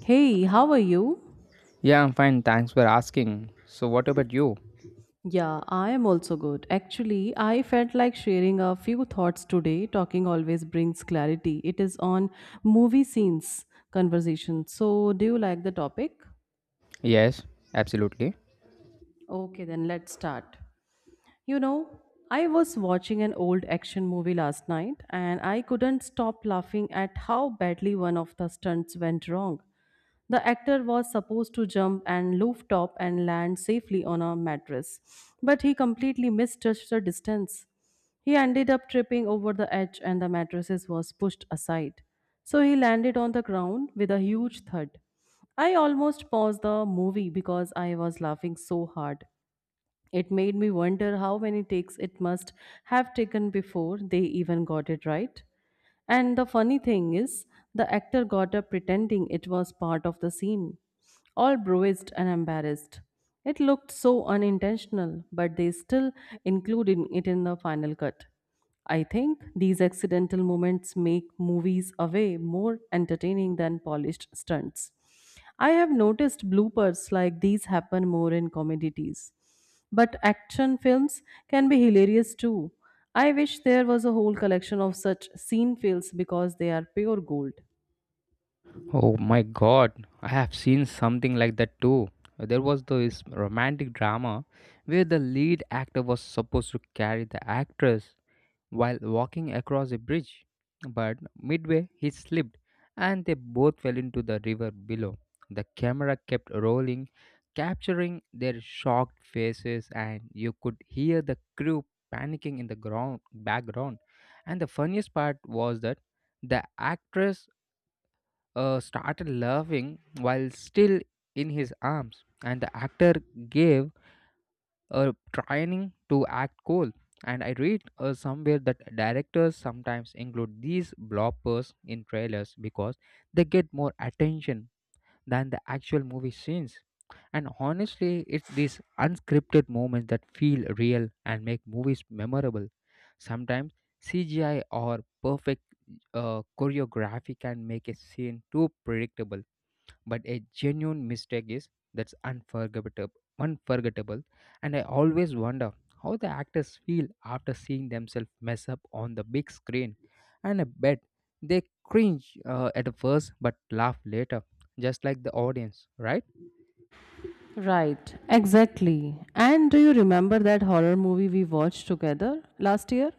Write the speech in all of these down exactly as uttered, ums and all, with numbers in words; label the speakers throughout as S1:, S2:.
S1: Hey, how are you?
S2: Yeah, I'm fine. Thanks for asking. So, what about you?
S1: Yeah, I am also good. Actually, I felt like sharing a few thoughts today. Talking always brings clarity. It is on movie scenes conversation. So, do you like the topic?
S2: Yes, absolutely.
S1: Okay, then let's start. You know, I was watching an old action movie last night and I couldn't stop laughing at how badly one of the stunts went wrong. The actor was supposed to jump and loof top and land safely on a mattress, but he completely misjudged the distance. He ended up tripping over the edge and the mattresses was pushed aside. So he landed on the ground with a huge thud. I almost paused the movie because I was laughing so hard. It made me wonder how many takes it must have taken before they even got it right. And the funny thing is, the actor got up pretending it was part of the scene, all bruised and embarrassed. It looked so unintentional, but they still included it in the final cut. I think these accidental moments make movies away more entertaining than polished stunts. I have noticed bloopers like these happen more in comedies. But action films can be hilarious too. I wish there was a whole collection of such scene fails because they are pure gold.
S2: Oh my god, I have seen something like that too. There was this romantic drama where the lead actor was supposed to carry the actress while walking across a bridge, but midway he slipped and they both fell into the river below. The camera kept rolling, capturing their shocked faces, and you could hear the crew panicking in the ground background. And the funniest part was that the actress uh, started laughing while still in his arms, and the actor gave uh, trying to act cool. And I read uh, somewhere that directors sometimes include these bloppers in trailers because they get more attention than the actual movie scenes. And honestly, it's these unscripted moments that feel real and make movies memorable. Sometimes C G I or perfect uh, choreography can make a scene too predictable, but a genuine mistake is that's unforgettable unforgettable And I always wonder how the actors feel after seeing themselves mess up on the big screen, and I bet they cringe uh, at first but laugh later, just like the audience, right?
S1: Right, exactly. And do you remember that horror movie we watched together last year?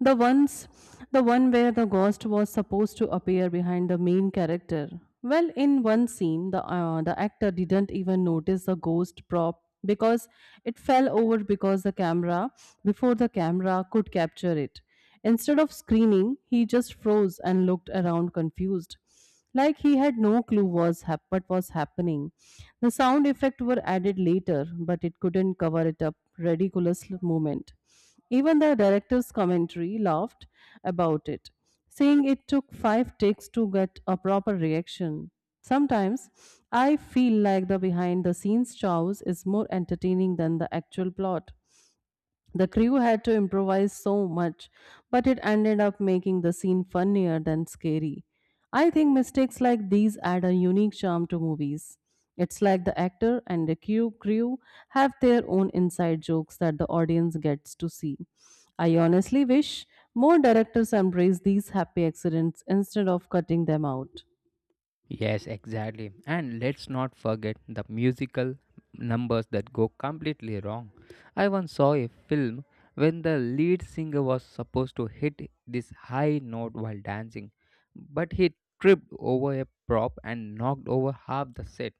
S1: The ones the one where the ghost was supposed to appear behind the main character. Well, in one scene, the uh, the actor didn't even notice the ghost prop because it fell over because the camera before the camera could capture it. Instead of screaming, he just froze and looked around confused like he had no clue was hap- what was happening. The sound effects were added later, but it couldn't cover it up ridiculous l- moment. Even the director's commentary laughed about it, saying it took five takes to get a proper reaction. Sometimes I feel like the behind the scenes chows is more entertaining than the actual plot. The crew had to improvise so much, but it ended up making the scene funnier than scary. I think mistakes like these add a unique charm to movies. It's like the actor and the crew crew have their own inside jokes that the audience gets to see. I honestly wish more directors embrace these happy accidents instead of cutting them out.
S2: Yes, exactly. And let's not forget the musical numbers that go completely wrong. I once saw a film when the lead singer was supposed to hit this high note while dancing, but he tripped over a prop and knocked over half the set.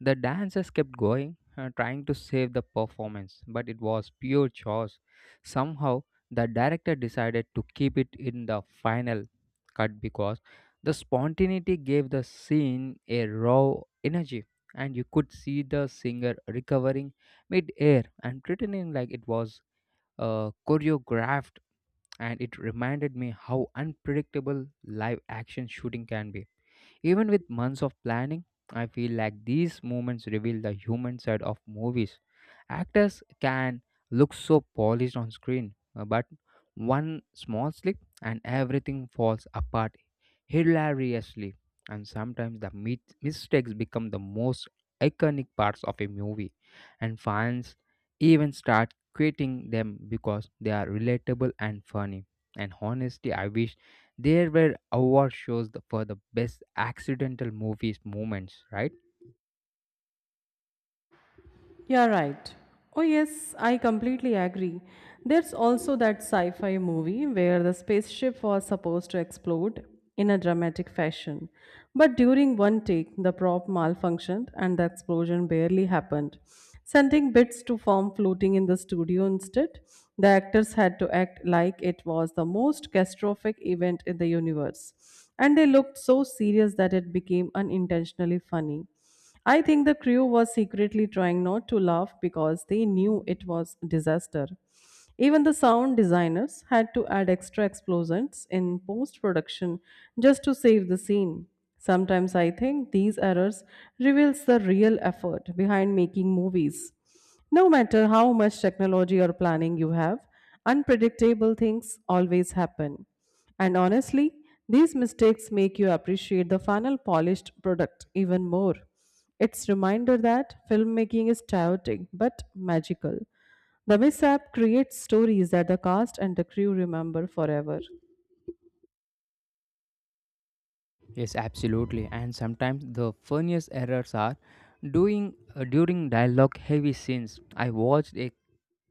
S2: The dancers kept going, uh, trying to save the performance, but it was pure chores. Somehow, the director decided to keep it in the final cut because the spontaneity gave the scene a raw energy, and you could see the singer recovering mid air and pretending like it was uh, choreographed. And it reminded me how unpredictable live action shooting can be. Even with months of planning, I feel like these moments reveal the human side of movies. Actors can look so polished on screen, uh, but one small slip and everything falls apart hilariously. And sometimes the mit- mistakes become the most iconic parts of a movie, and fans even start quitting them because they are relatable and funny. And honestly, I wish there were award shows th- for the best accidental movies moments, right?
S1: You're right. Oh, yes, I completely agree. There's also that sci fi movie where the spaceship was supposed to explode in a dramatic fashion. But during one take, the prop malfunctioned and the explosion barely happened, sending bits to form floating in the studio instead. The actors had to act like it was the most catastrophic event in the universe. And they looked so serious that it became unintentionally funny. I think the crew was secretly trying not to laugh because they knew it was disaster. Even the sound designers had to add extra explosions in post production just to save the scene. Sometimes I think these errors reveals the real effort behind making movies. No matter how much technology or planning you have, unpredictable things always happen. And honestly, these mistakes make you appreciate the final polished product even more. It's reminder that filmmaking is chaotic but magical. The mishap creates stories that the cast and the crew remember forever.
S2: Yes, absolutely. And sometimes the funniest errors are doing uh, during dialogue heavy scenes. I watched a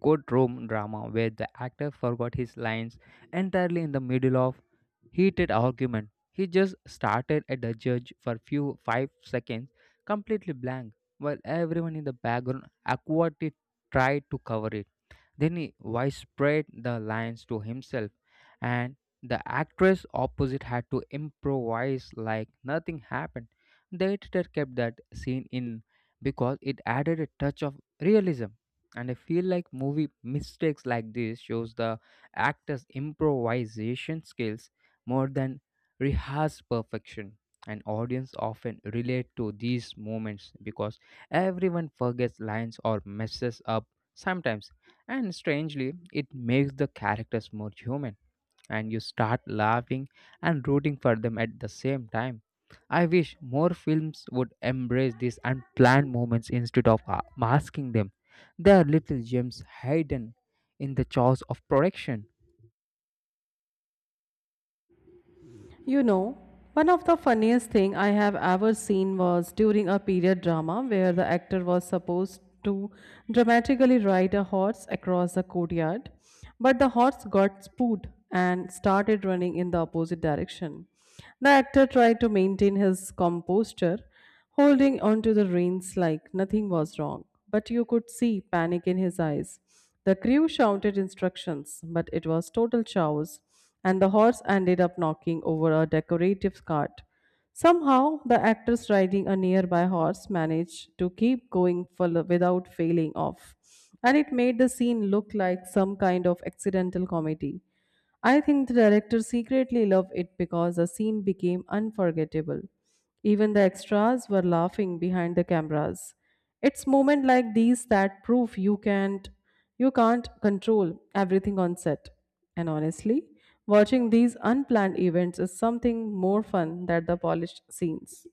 S2: courtroom drama where the actor forgot his lines entirely in the middle of heated argument. He just started at the judge for few five seconds completely blank while everyone in the background awkwardly tried to cover it. Then he whispered the lines to himself, and the actress opposite had to improvise like nothing happened. The editor kept that scene in because it added a touch of realism. And I feel like movie mistakes like this shows the actor's improvisation skills more than rehearsed perfection. And audience often relate to these moments because everyone forgets lines or messes up sometimes, and strangely, it makes the characters more human, and you start laughing and rooting for them at the same time. I wish more films would embrace these unplanned moments instead of uh, masking them. They are little gems hidden in the chaos of production.
S1: You know, One of the funniest thing I have ever seen was during a period drama where the actor was supposed to dramatically ride a horse across the courtyard, but the horse got spooked and started running in the opposite direction. The actor tried to maintain his composure, holding onto the reins like nothing was wrong, but you could see panic in his eyes. The crew shouted instructions, but it was total chaos, and the horse ended up knocking over a decorative cart. Somehow, the actress riding a nearby horse managed to keep going full without failing off, and it made the scene look like some kind of accidental comedy. I think the director secretly loved it because the scene became unforgettable. Even the extras were laughing behind the cameras. It's moments like these that prove you can't you can't control everything on set. And honestly, watching these unplanned events is something more fun than the polished scenes.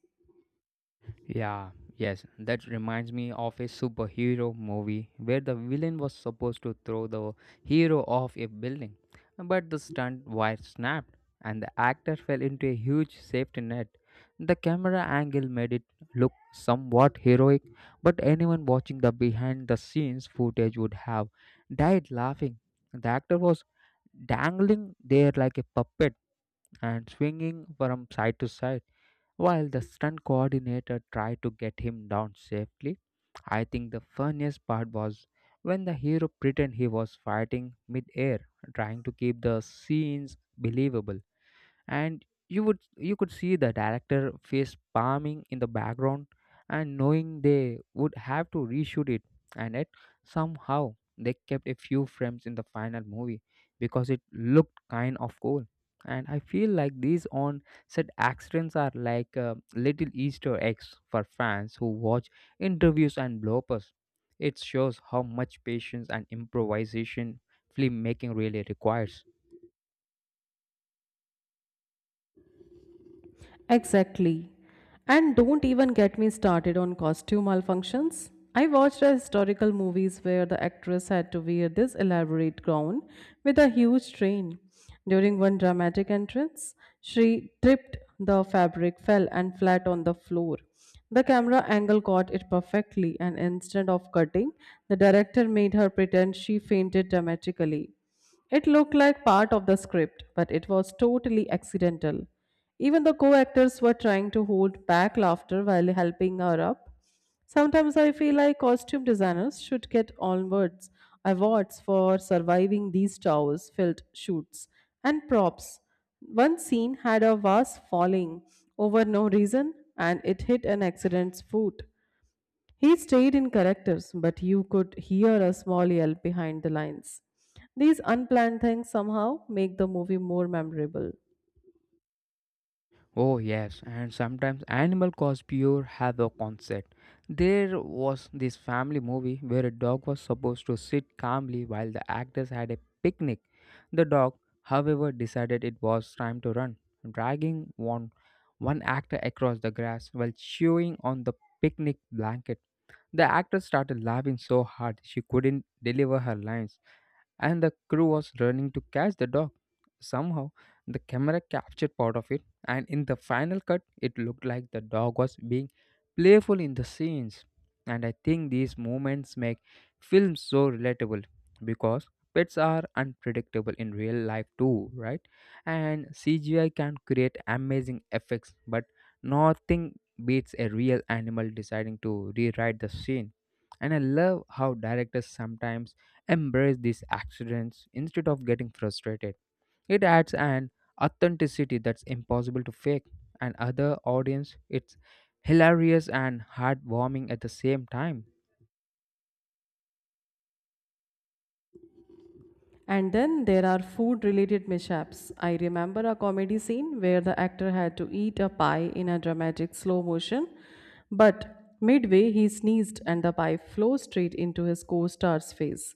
S2: Yeah, yes, that reminds me of a superhero movie where the villain was supposed to throw the hero off a building, but the stunt wire snapped and the actor fell into a huge safety net. The camera angle made it look somewhat heroic, but anyone watching the behind the scenes footage would have died laughing. The actor was dangling there like a puppet and swinging from side to side while the stunt coordinator tried to get him down safely. I think the funniest part was when the hero pretended he was fighting mid air, trying to keep the scenes believable, and you would you could see the director face palming in the background and knowing they would have to reshoot it. And yet somehow they kept a few frames in the final movie because it looked kind of cool. And I feel like these on set accidents are like uh, little easter eggs for fans who watch interviews and bloopers. It shows how much patience and improvisation filmmaking really requires.
S1: Exactly. And don't even get me started on costume malfunctions. I watched a historical movies where the actress had to wear this elaborate gown with a huge train. During one dramatic entrance, she tripped, the fabric fell and flat on the floor. The camera angle caught it perfectly, and instead of cutting, the director made her pretend she fainted dramatically. It looked like part of the script, but it was totally accidental. Even the co actors were trying to hold back laughter while helping her up. Sometimes I feel like costume designers should get onwards awards for surviving these towers filled shoots and props. One scene had a vase falling over no reason and it hit an accident's foot. He stayed in characters, but you could hear a small yelp behind the lines. These unplanned things somehow make the movie more memorable.
S2: Oh, yes, and sometimes animal cause pure havoc concept. There was this family movie where a dog was supposed to sit calmly while the actors had a picnic. The dog, however, decided it was time to run, dragging one, one actor across the grass while chewing on the picnic blanket. The actress started laughing so hard she couldn't deliver her lines, and the crew was running to catch the dog. Somehow, the camera captured part of it, and in the final cut, it looked like the dog was being playful in the scenes. And I think these moments make films so relatable because pets are unpredictable in real life too, right? And C G I can create amazing effects, but nothing beats a real animal deciding to rewrite the scene. And I love how directors sometimes embrace these accidents instead of getting frustrated. It adds an authenticity that's impossible to fake, and other audience it's hilarious and heartwarming at the same time.
S1: And then there are food related mishaps. I remember a comedy scene where the actor had to eat a pie in a dramatic slow motion, but midway he sneezed and the pie flew straight into his co star's face.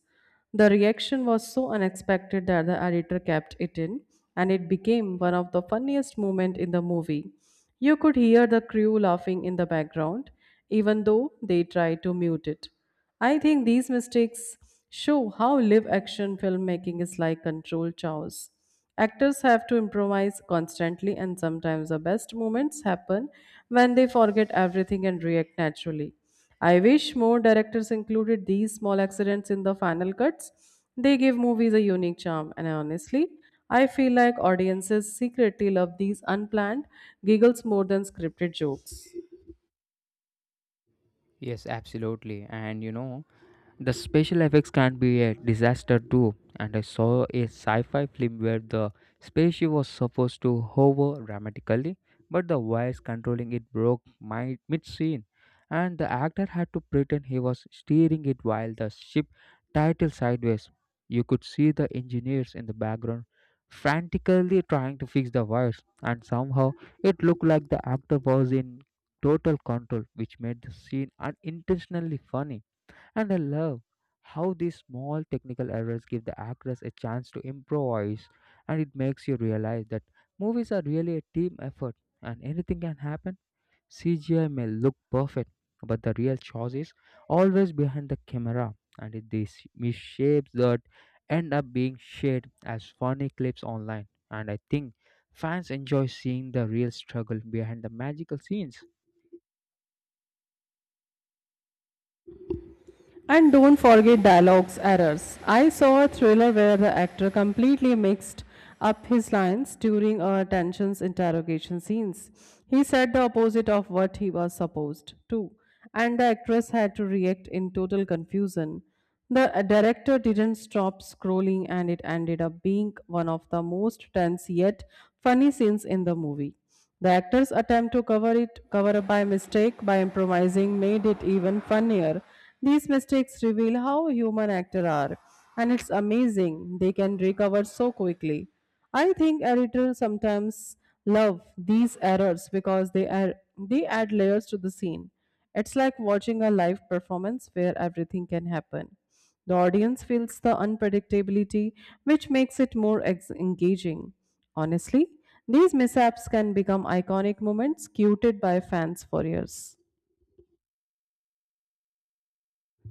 S1: The reaction was so unexpected that the editor kept it in, and it became one of the funniest moments in the movie. You could hear the crew laughing in the background, even though they tried to mute it. I think these mistakes show how live action filmmaking is like controlled chaos. Actors have to improvise constantly, and sometimes the best moments happen when they forget everything and react naturally. I wish more directors included these small accidents in the final cuts. They give movies a unique charm, and honestly, I feel like audiences secretly love these unplanned giggles more than scripted jokes.
S2: Yes, absolutely. And you know, the special effects can be a disaster too, and I saw a sci fi film where the spaceship was supposed to hover dramatically, but the wires controlling it broke mid scene, and the actor had to pretend he was steering it while the ship tilted sideways. You could see the engineers in the background frantically trying to fix the wires, and somehow it looked like the actor was in total control, which made the scene unintentionally funny. And I love how these small technical errors give the actors a chance to improvise, and it makes you realize that movies are really a team effort and anything can happen. C G I may look perfect, but the real choice is always behind the camera, and it these misshapes that end up being shared as funny clips online. And I think fans enjoy seeing the real struggle behind the magical scenes.
S1: And don't forget dialogues errors. I saw a thriller where the actor completely mixed up his lines during a tensions interrogation scenes. He said the opposite of what he was supposed to, and the actress had to react in total confusion. The director didn't stop scrolling, and it ended up being one of the most tense yet funny scenes in the movie. The actor's attempt to cover it cover up by mistake by improvising made it even funnier. These mistakes reveal how human actors are, and it's amazing they can recover so quickly. I think editors sometimes love these errors because they are they add layers to the scene. It's like watching a live performance where everything can happen. The audience feels the unpredictability, which makes it more ex- engaging. Honestly, these mishaps can become iconic moments quoted by fans for years.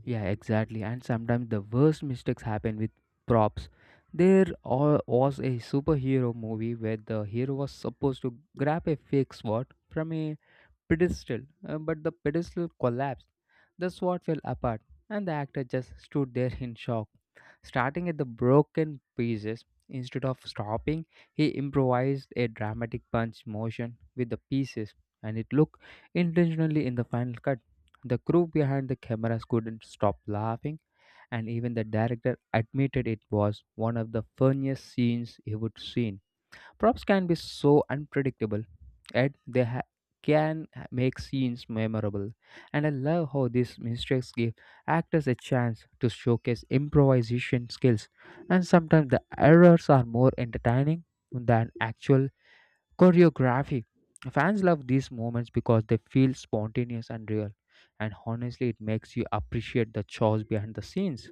S2: Yeah, exactly. And sometimes the worst mistakes happen with props. There al- was a superhero movie where the hero was supposed to grab a fake sword from a pedestal, uh, but the pedestal collapsed. The sword fell apart, and the actor just stood there in shock, starting at the broken pieces. Instead of stopping, he improvised a dramatic punch motion with the pieces, and it looked intentionally in the final cut. The crew behind the cameras couldn't stop laughing, and even the director admitted it was one of the funniest scenes he would seen. Props can be so unpredictable, and they ha- can make scenes memorable. And I love how these mistakes give actors a chance to showcase improvisation skills. And sometimes the errors are more entertaining than actual choreography. Fans love these moments because they feel spontaneous and real. And honestly, it makes you appreciate the chores behind the scenes.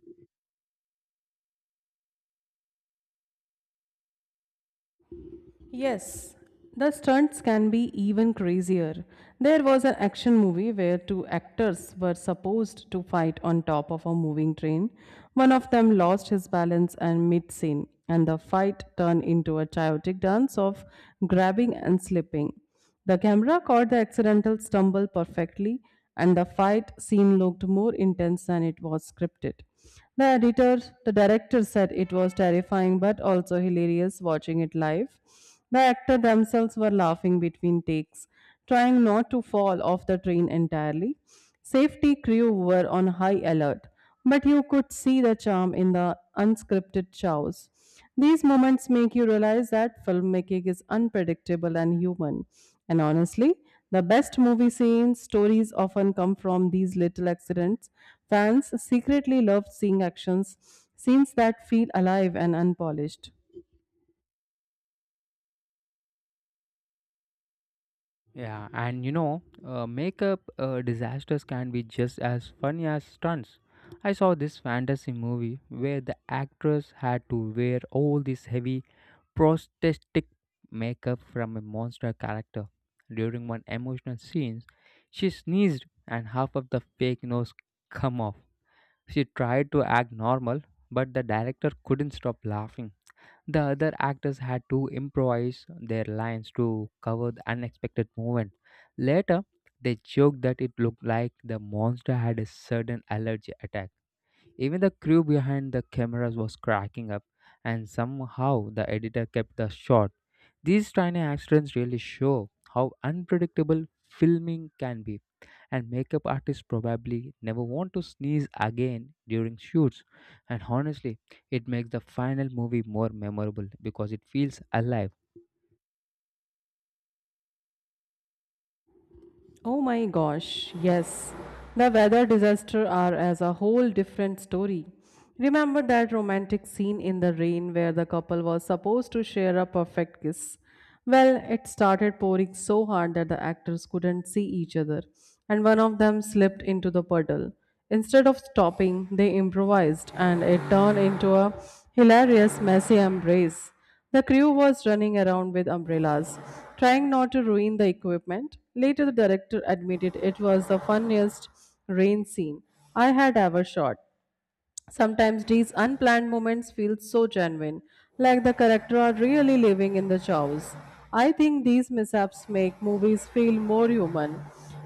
S1: Yes, the stunts can be even crazier. There was an action movie where two actors were supposed to fight on top of a moving train. One of them lost his balance and mid scene, and the fight turned into a chaotic dance of grabbing and slipping. The camera caught the accidental stumble perfectly, and the fight scene looked more intense than it was scripted. The editor, the director said it was terrifying but also hilarious watching it live. The actors themselves were laughing between takes, trying not to fall off the train entirely. Safety crew were on high alert, but you could see the charm in the unscripted chows. These moments make you realize that filmmaking is unpredictable and human. And honestly, the best movie scenes, stories often come from these little accidents. Fans secretly love seeing actions, scenes that feel alive and unpolished.
S2: Yeah, and you know, uh, makeup uh, disasters can be just as funny as stunts. I saw this fantasy movie where the actress had to wear all this heavy prosthetic makeup from a monster character. During one emotional scene, she sneezed and half of the fake nose come off. She tried to act normal, but the director couldn't stop laughing. The other actors had to improvise their lines to cover the unexpected moment. Later, they joked that it looked like the monster had a sudden allergy attack. Even the crew behind the cameras was cracking up, and somehow the editor kept the shot. These tiny accidents really show how unpredictable filming can be, and makeup artists probably never want to sneeze again during shoots. And honestly, it makes the final movie more memorable because it feels alive.
S1: Oh my gosh, yes. The weather disaster are as a whole different story. Remember that romantic scene in the rain where the couple was supposed to share a perfect kiss? Well, it started pouring so hard that the actors couldn't see each other, and one of them slipped into the puddle. Instead of stopping, they improvised, and it turned into a hilarious, messy embrace. The crew was running around with umbrellas, trying not to ruin the equipment. Later, the director admitted it was the funniest rain scene I had ever shot. Sometimes these unplanned moments feel so genuine, like the character are really living in the chaos. I think these mishaps make movies feel more human.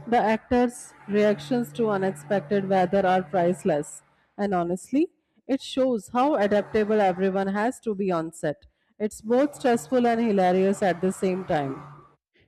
S1: The actors' reactions to unexpected weather are priceless, and honestly, it shows how adaptable everyone has to be on set. It's both stressful and hilarious at the same time.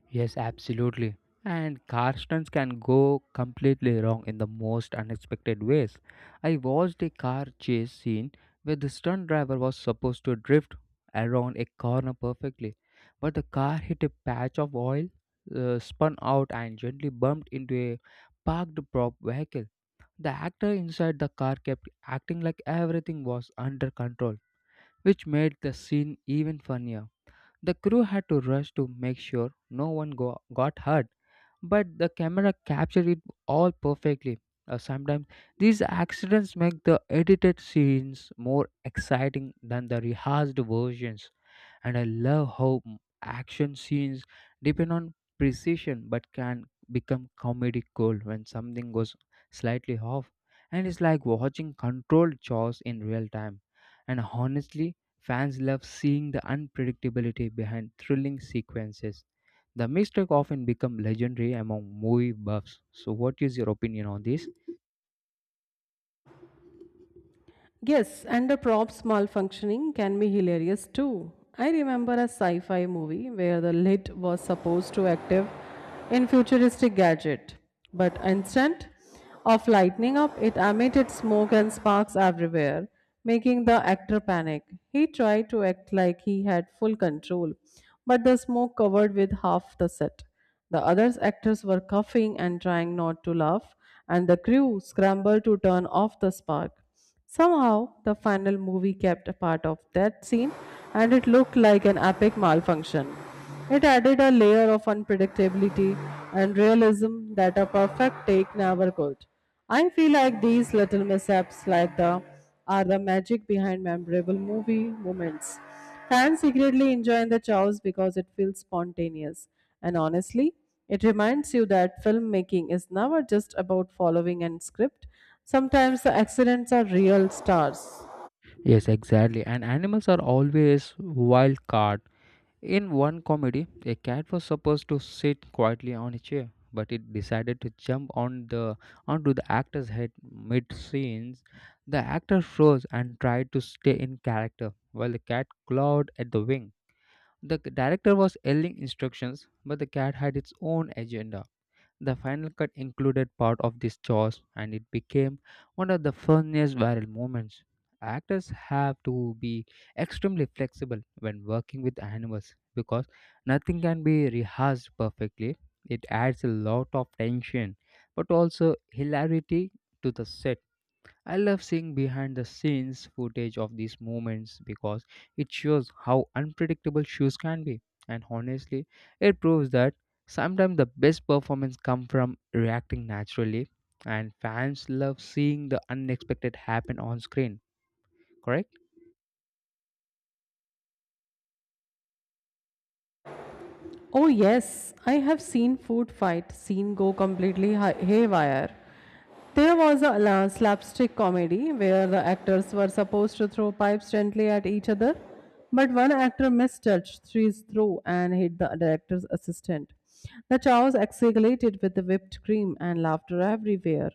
S2: Yes, absolutely. And car stunts can go completely wrong in the most unexpected ways. I watched a car chase scene where the stunt driver was supposed to drift around a corner perfectly, but the car hit a patch of oil, uh, spun out, and gently bumped into a parked prop vehicle. The actor inside the car kept acting like everything was under control, which made the scene even funnier. The crew had to rush to make sure no one go- got hurt, but the camera captured it all perfectly. Uh, sometimes these accidents make the edited scenes more exciting than the rehearsed versions, and I love how m- action scenes depend on precision but can become comedic gold when something goes slightly off. And it's like watching controlled chores in real time. And honestly, fans love seeing the unpredictability behind thrilling sequences. The mistake often become legendary among movie buffs. So what is your opinion on this?
S1: Yes, and the props malfunctioning can be hilarious too. I remember a sci fi movie where the lid was supposed to active in futuristic gadget, but instant of lightning up, it emitted smoke and sparks everywhere, making the actor panic. He tried to act like he had full control, but the smoke covered with half the set. The other actors were coughing and trying not to laugh, and the crew scrambled to turn off the spark. Somehow, the final movie kept a part of that scene and it looked like an epic malfunction. It added a layer of unpredictability and realism that a perfect take never could. I feel like these little mishaps like the are the magic behind memorable movie moments. Fans secretly enjoy the chows because it feels spontaneous. And honestly, it reminds you that filmmaking is never just about following a script. Sometimes the accidents are real stars.
S2: Yes, exactly. And animals are always wild card. In one comedy, a cat was supposed to sit quietly on a chair, but it decided to jump on the onto the actor's head mid-scenes. The actor froze and tried to stay in character while the cat clawed at the wing. The c- director was yelling instructions, but the cat had its own agenda. The final cut included part of this jaws and it became one of the funniest viral moments. Actors have to be extremely flexible when working with animals because nothing can be rehearsed perfectly. It adds a lot of tension but also hilarity to the set. I love seeing behind the scenes footage of these moments because it shows how unpredictable shoes can be. And honestly, it proves that sometimes the best performance come from reacting naturally and fans love seeing the unexpected happen on screen, correct?
S1: Oh, yes, I have seen food fight scene go completely hi- haywire. There was a la- slapstick comedy where the actors were supposed to throw pipes gently at each other, but one actor mistouched his throw and hit the director's assistant. The chaos escalated with the whipped cream and laughter everywhere.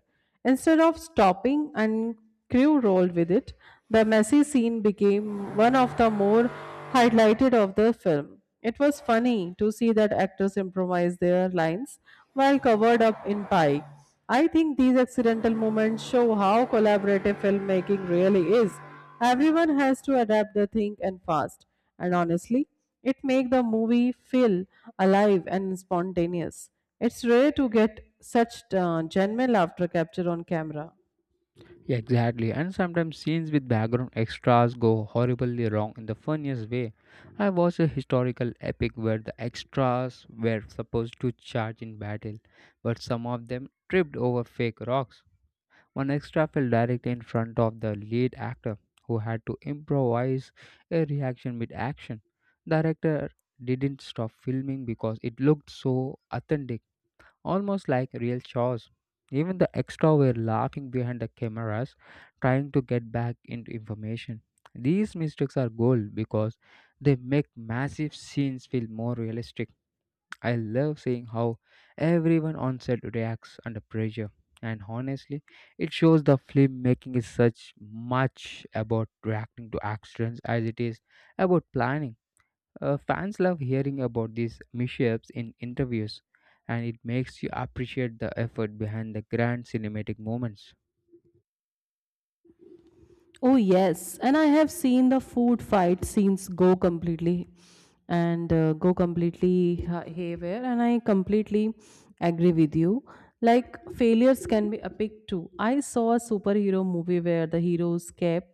S1: Instead of stopping and crew rolled with it, the messy scene became one of the more highlighted of the film. It was funny to see that actors improvise their lines while covered up in pie. I think these accidental moments show how collaborative filmmaking really is. Everyone has to adapt the thing and fast. And honestly, it makes the movie feel alive and spontaneous. It's rare to get such uh, genuine laughter capture on camera.
S2: Yeah, exactly, and sometimes scenes with background extras go horribly wrong in the funniest way. I watched a historical epic where the extras were supposed to charge in battle, but some of them tripped over fake rocks. One extra fell directly in front of the lead actor, who had to improvise a reaction mid action. The director didn't stop filming because it looked so authentic, almost like real chores. Even the extra were laughing behind the cameras, trying to get back into information. These mistakes are gold because they make massive scenes feel more realistic. I love seeing how everyone on set reacts under pressure, and honestly, it shows the filmmaking is such much about reacting to accidents as it is about planning. Uh, fans love hearing about these mishaps in interviews, and it makes you appreciate the effort behind the grand cinematic moments.
S1: Oh, yes. And I have seen the food fight scenes go completely and uh, go completely ha- haywire. And I completely agree with you. Like, failures can be epic too. I saw a superhero movie where the hero's cap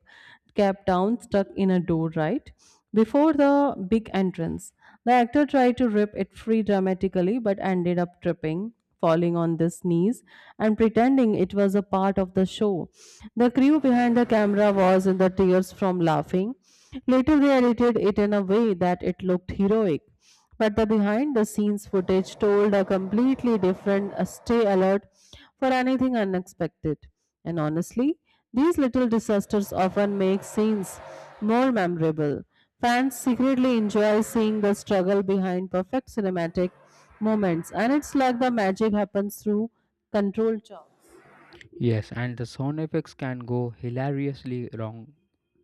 S1: cap down stuck in a door, right? Before the big entrance. The actor tried to rip it free dramatically but ended up tripping, falling on his knees, and pretending it was a part of the show. The crew behind the camera was in the tears from laughing. Later, they edited it in a way that it looked heroic. But the behind the scenes footage told a completely different uh, stay alert for anything unexpected. And honestly, these little disasters often make scenes more memorable. Fans secretly enjoy seeing the struggle behind perfect cinematic moments, and it's like the magic happens through controlled chop.
S2: Yes, and the sound effects can go hilariously wrong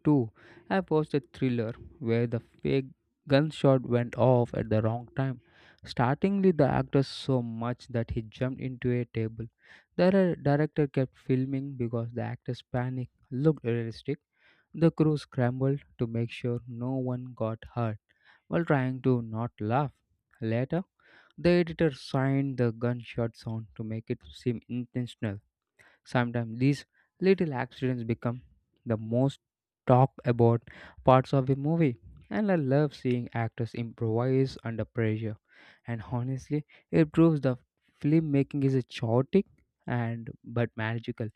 S2: Two, I watched a thriller where the fake gunshot went off at the wrong time, startlingly the actor so much that he jumped into a table. The dir- director kept filming because the actor's panic looked realistic. The crew scrambled to make sure no one got hurt while trying to not laugh. Later, the editor signed the gunshot sound to make it seem intentional. Sometimes these little accidents become the most talked about parts of a movie, and I love seeing actors improvise under pressure. And honestly, it proves the filmmaking is a chaotic and but magical.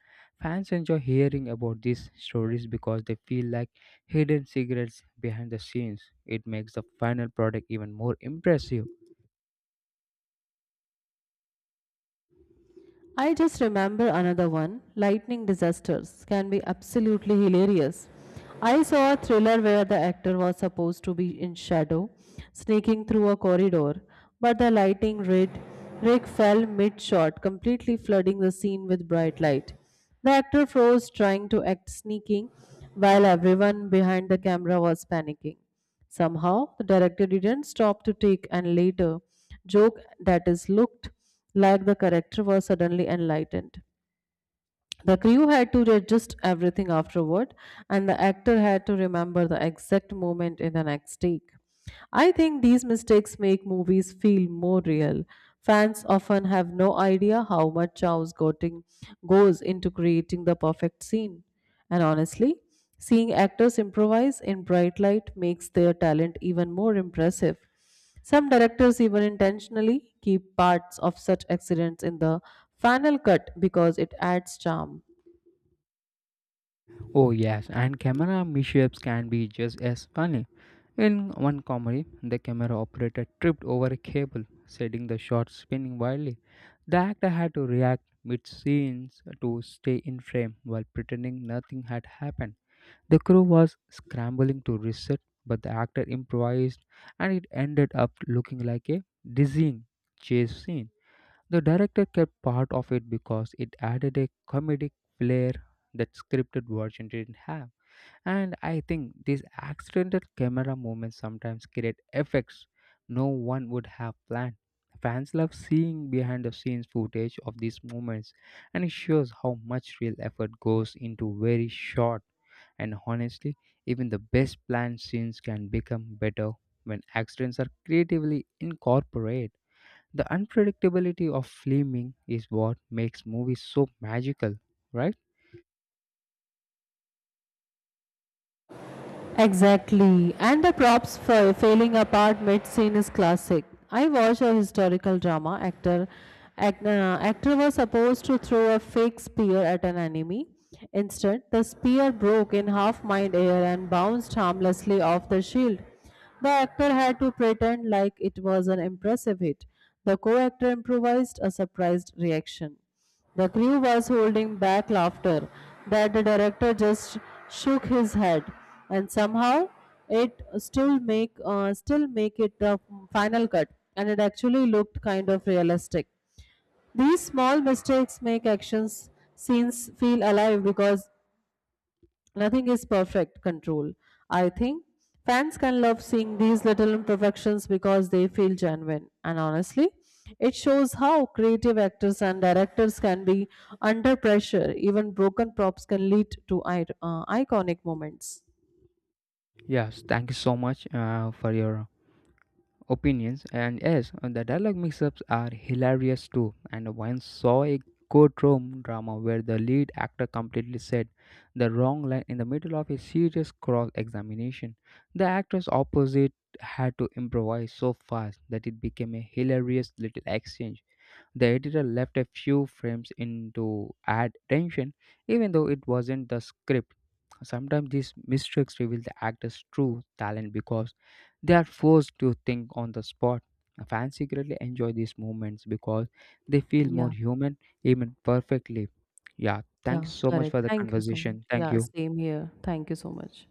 S2: Fans enjoy hearing about these stories because they feel like hidden secrets behind the scenes. It makes the final product even more impressive.
S1: I just remember another one. Lightning disasters can be absolutely hilarious. I saw a thriller where the actor was supposed to be in shadow, sneaking through a corridor, but the lightning rig, rig fell mid shot, completely flooding the scene with bright light. The actor froze, trying to act sneaking, while everyone behind the camera was panicking. Somehow, the director didn't stop to take and later joke that is looked like the character was suddenly enlightened. The crew had to adjust everything afterward, and the actor had to remember the exact moment in the next take. I think these mistakes make movies feel more real. Fans often have no idea how much Chow's Goting goes into creating the perfect scene. And honestly, seeing actors improvise in bright light makes their talent even more impressive. Some directors even intentionally keep parts of such accidents in the final cut because it adds charm.
S2: Oh yes, and camera mishaps can be just as funny. In one comedy, the camera operator tripped over a cable, setting the shot spinning wildly. The actor had to react mid scenes to stay in frame while pretending nothing had happened. The crew was scrambling to reset, but the actor improvised and it ended up looking like a dizzying chase scene. The director kept part of it because it added a comedic flair that scripted version didn't have. And I think these accidental camera movements sometimes create effects no one would have planned. Fans love seeing behind the scenes footage of these moments, and it shows how much real effort goes into very short. And honestly, even the best planned scenes can become better when accidents are creatively incorporated. The unpredictability of filming is what makes movies so magical, right?
S1: Exactly. And the props for failing apart mid scene is classic. I watched a historical drama actor. Act, uh, actor was supposed to throw a fake spear at an enemy. Instead, the spear broke in half mid air and bounced harmlessly off the shield. The actor had to pretend like it was an impressive hit. The co actor improvised a surprised reaction. The crew was holding back laughter that the director just shook his head, and somehow it still make uh, still make it the final cut, and it actually looked kind of realistic. These small mistakes make actions scenes feel alive because nothing is perfect control. I think fans can love seeing these little imperfections because they feel genuine. And honestly, it shows how creative actors and directors can be under pressure. Even broken props can lead to i- uh, iconic moments.
S2: Yes, thank you so much uh, for your opinions. And yes, uh, the dialogue mix ups are hilarious too. And I once saw a courtroom drama where the lead actor completely said the wrong line in the middle of a serious cross examination. The actors opposite had to improvise so fast that it became a hilarious little exchange. The editor left a few frames in to add tension, even though it wasn't the script. Sometimes these mistakes reveal the actor's true talent because they are forced to think on the spot. Fans secretly enjoy these moments because they feel more
S1: Yeah,
S2: human, even perfectly. Yeah, thanks
S1: yeah,
S2: so much for
S1: correct.
S2: the
S1: Thank you so much.
S2: conversation. Thank
S1: Yeah,
S2: you.
S1: same here. Thank you so much.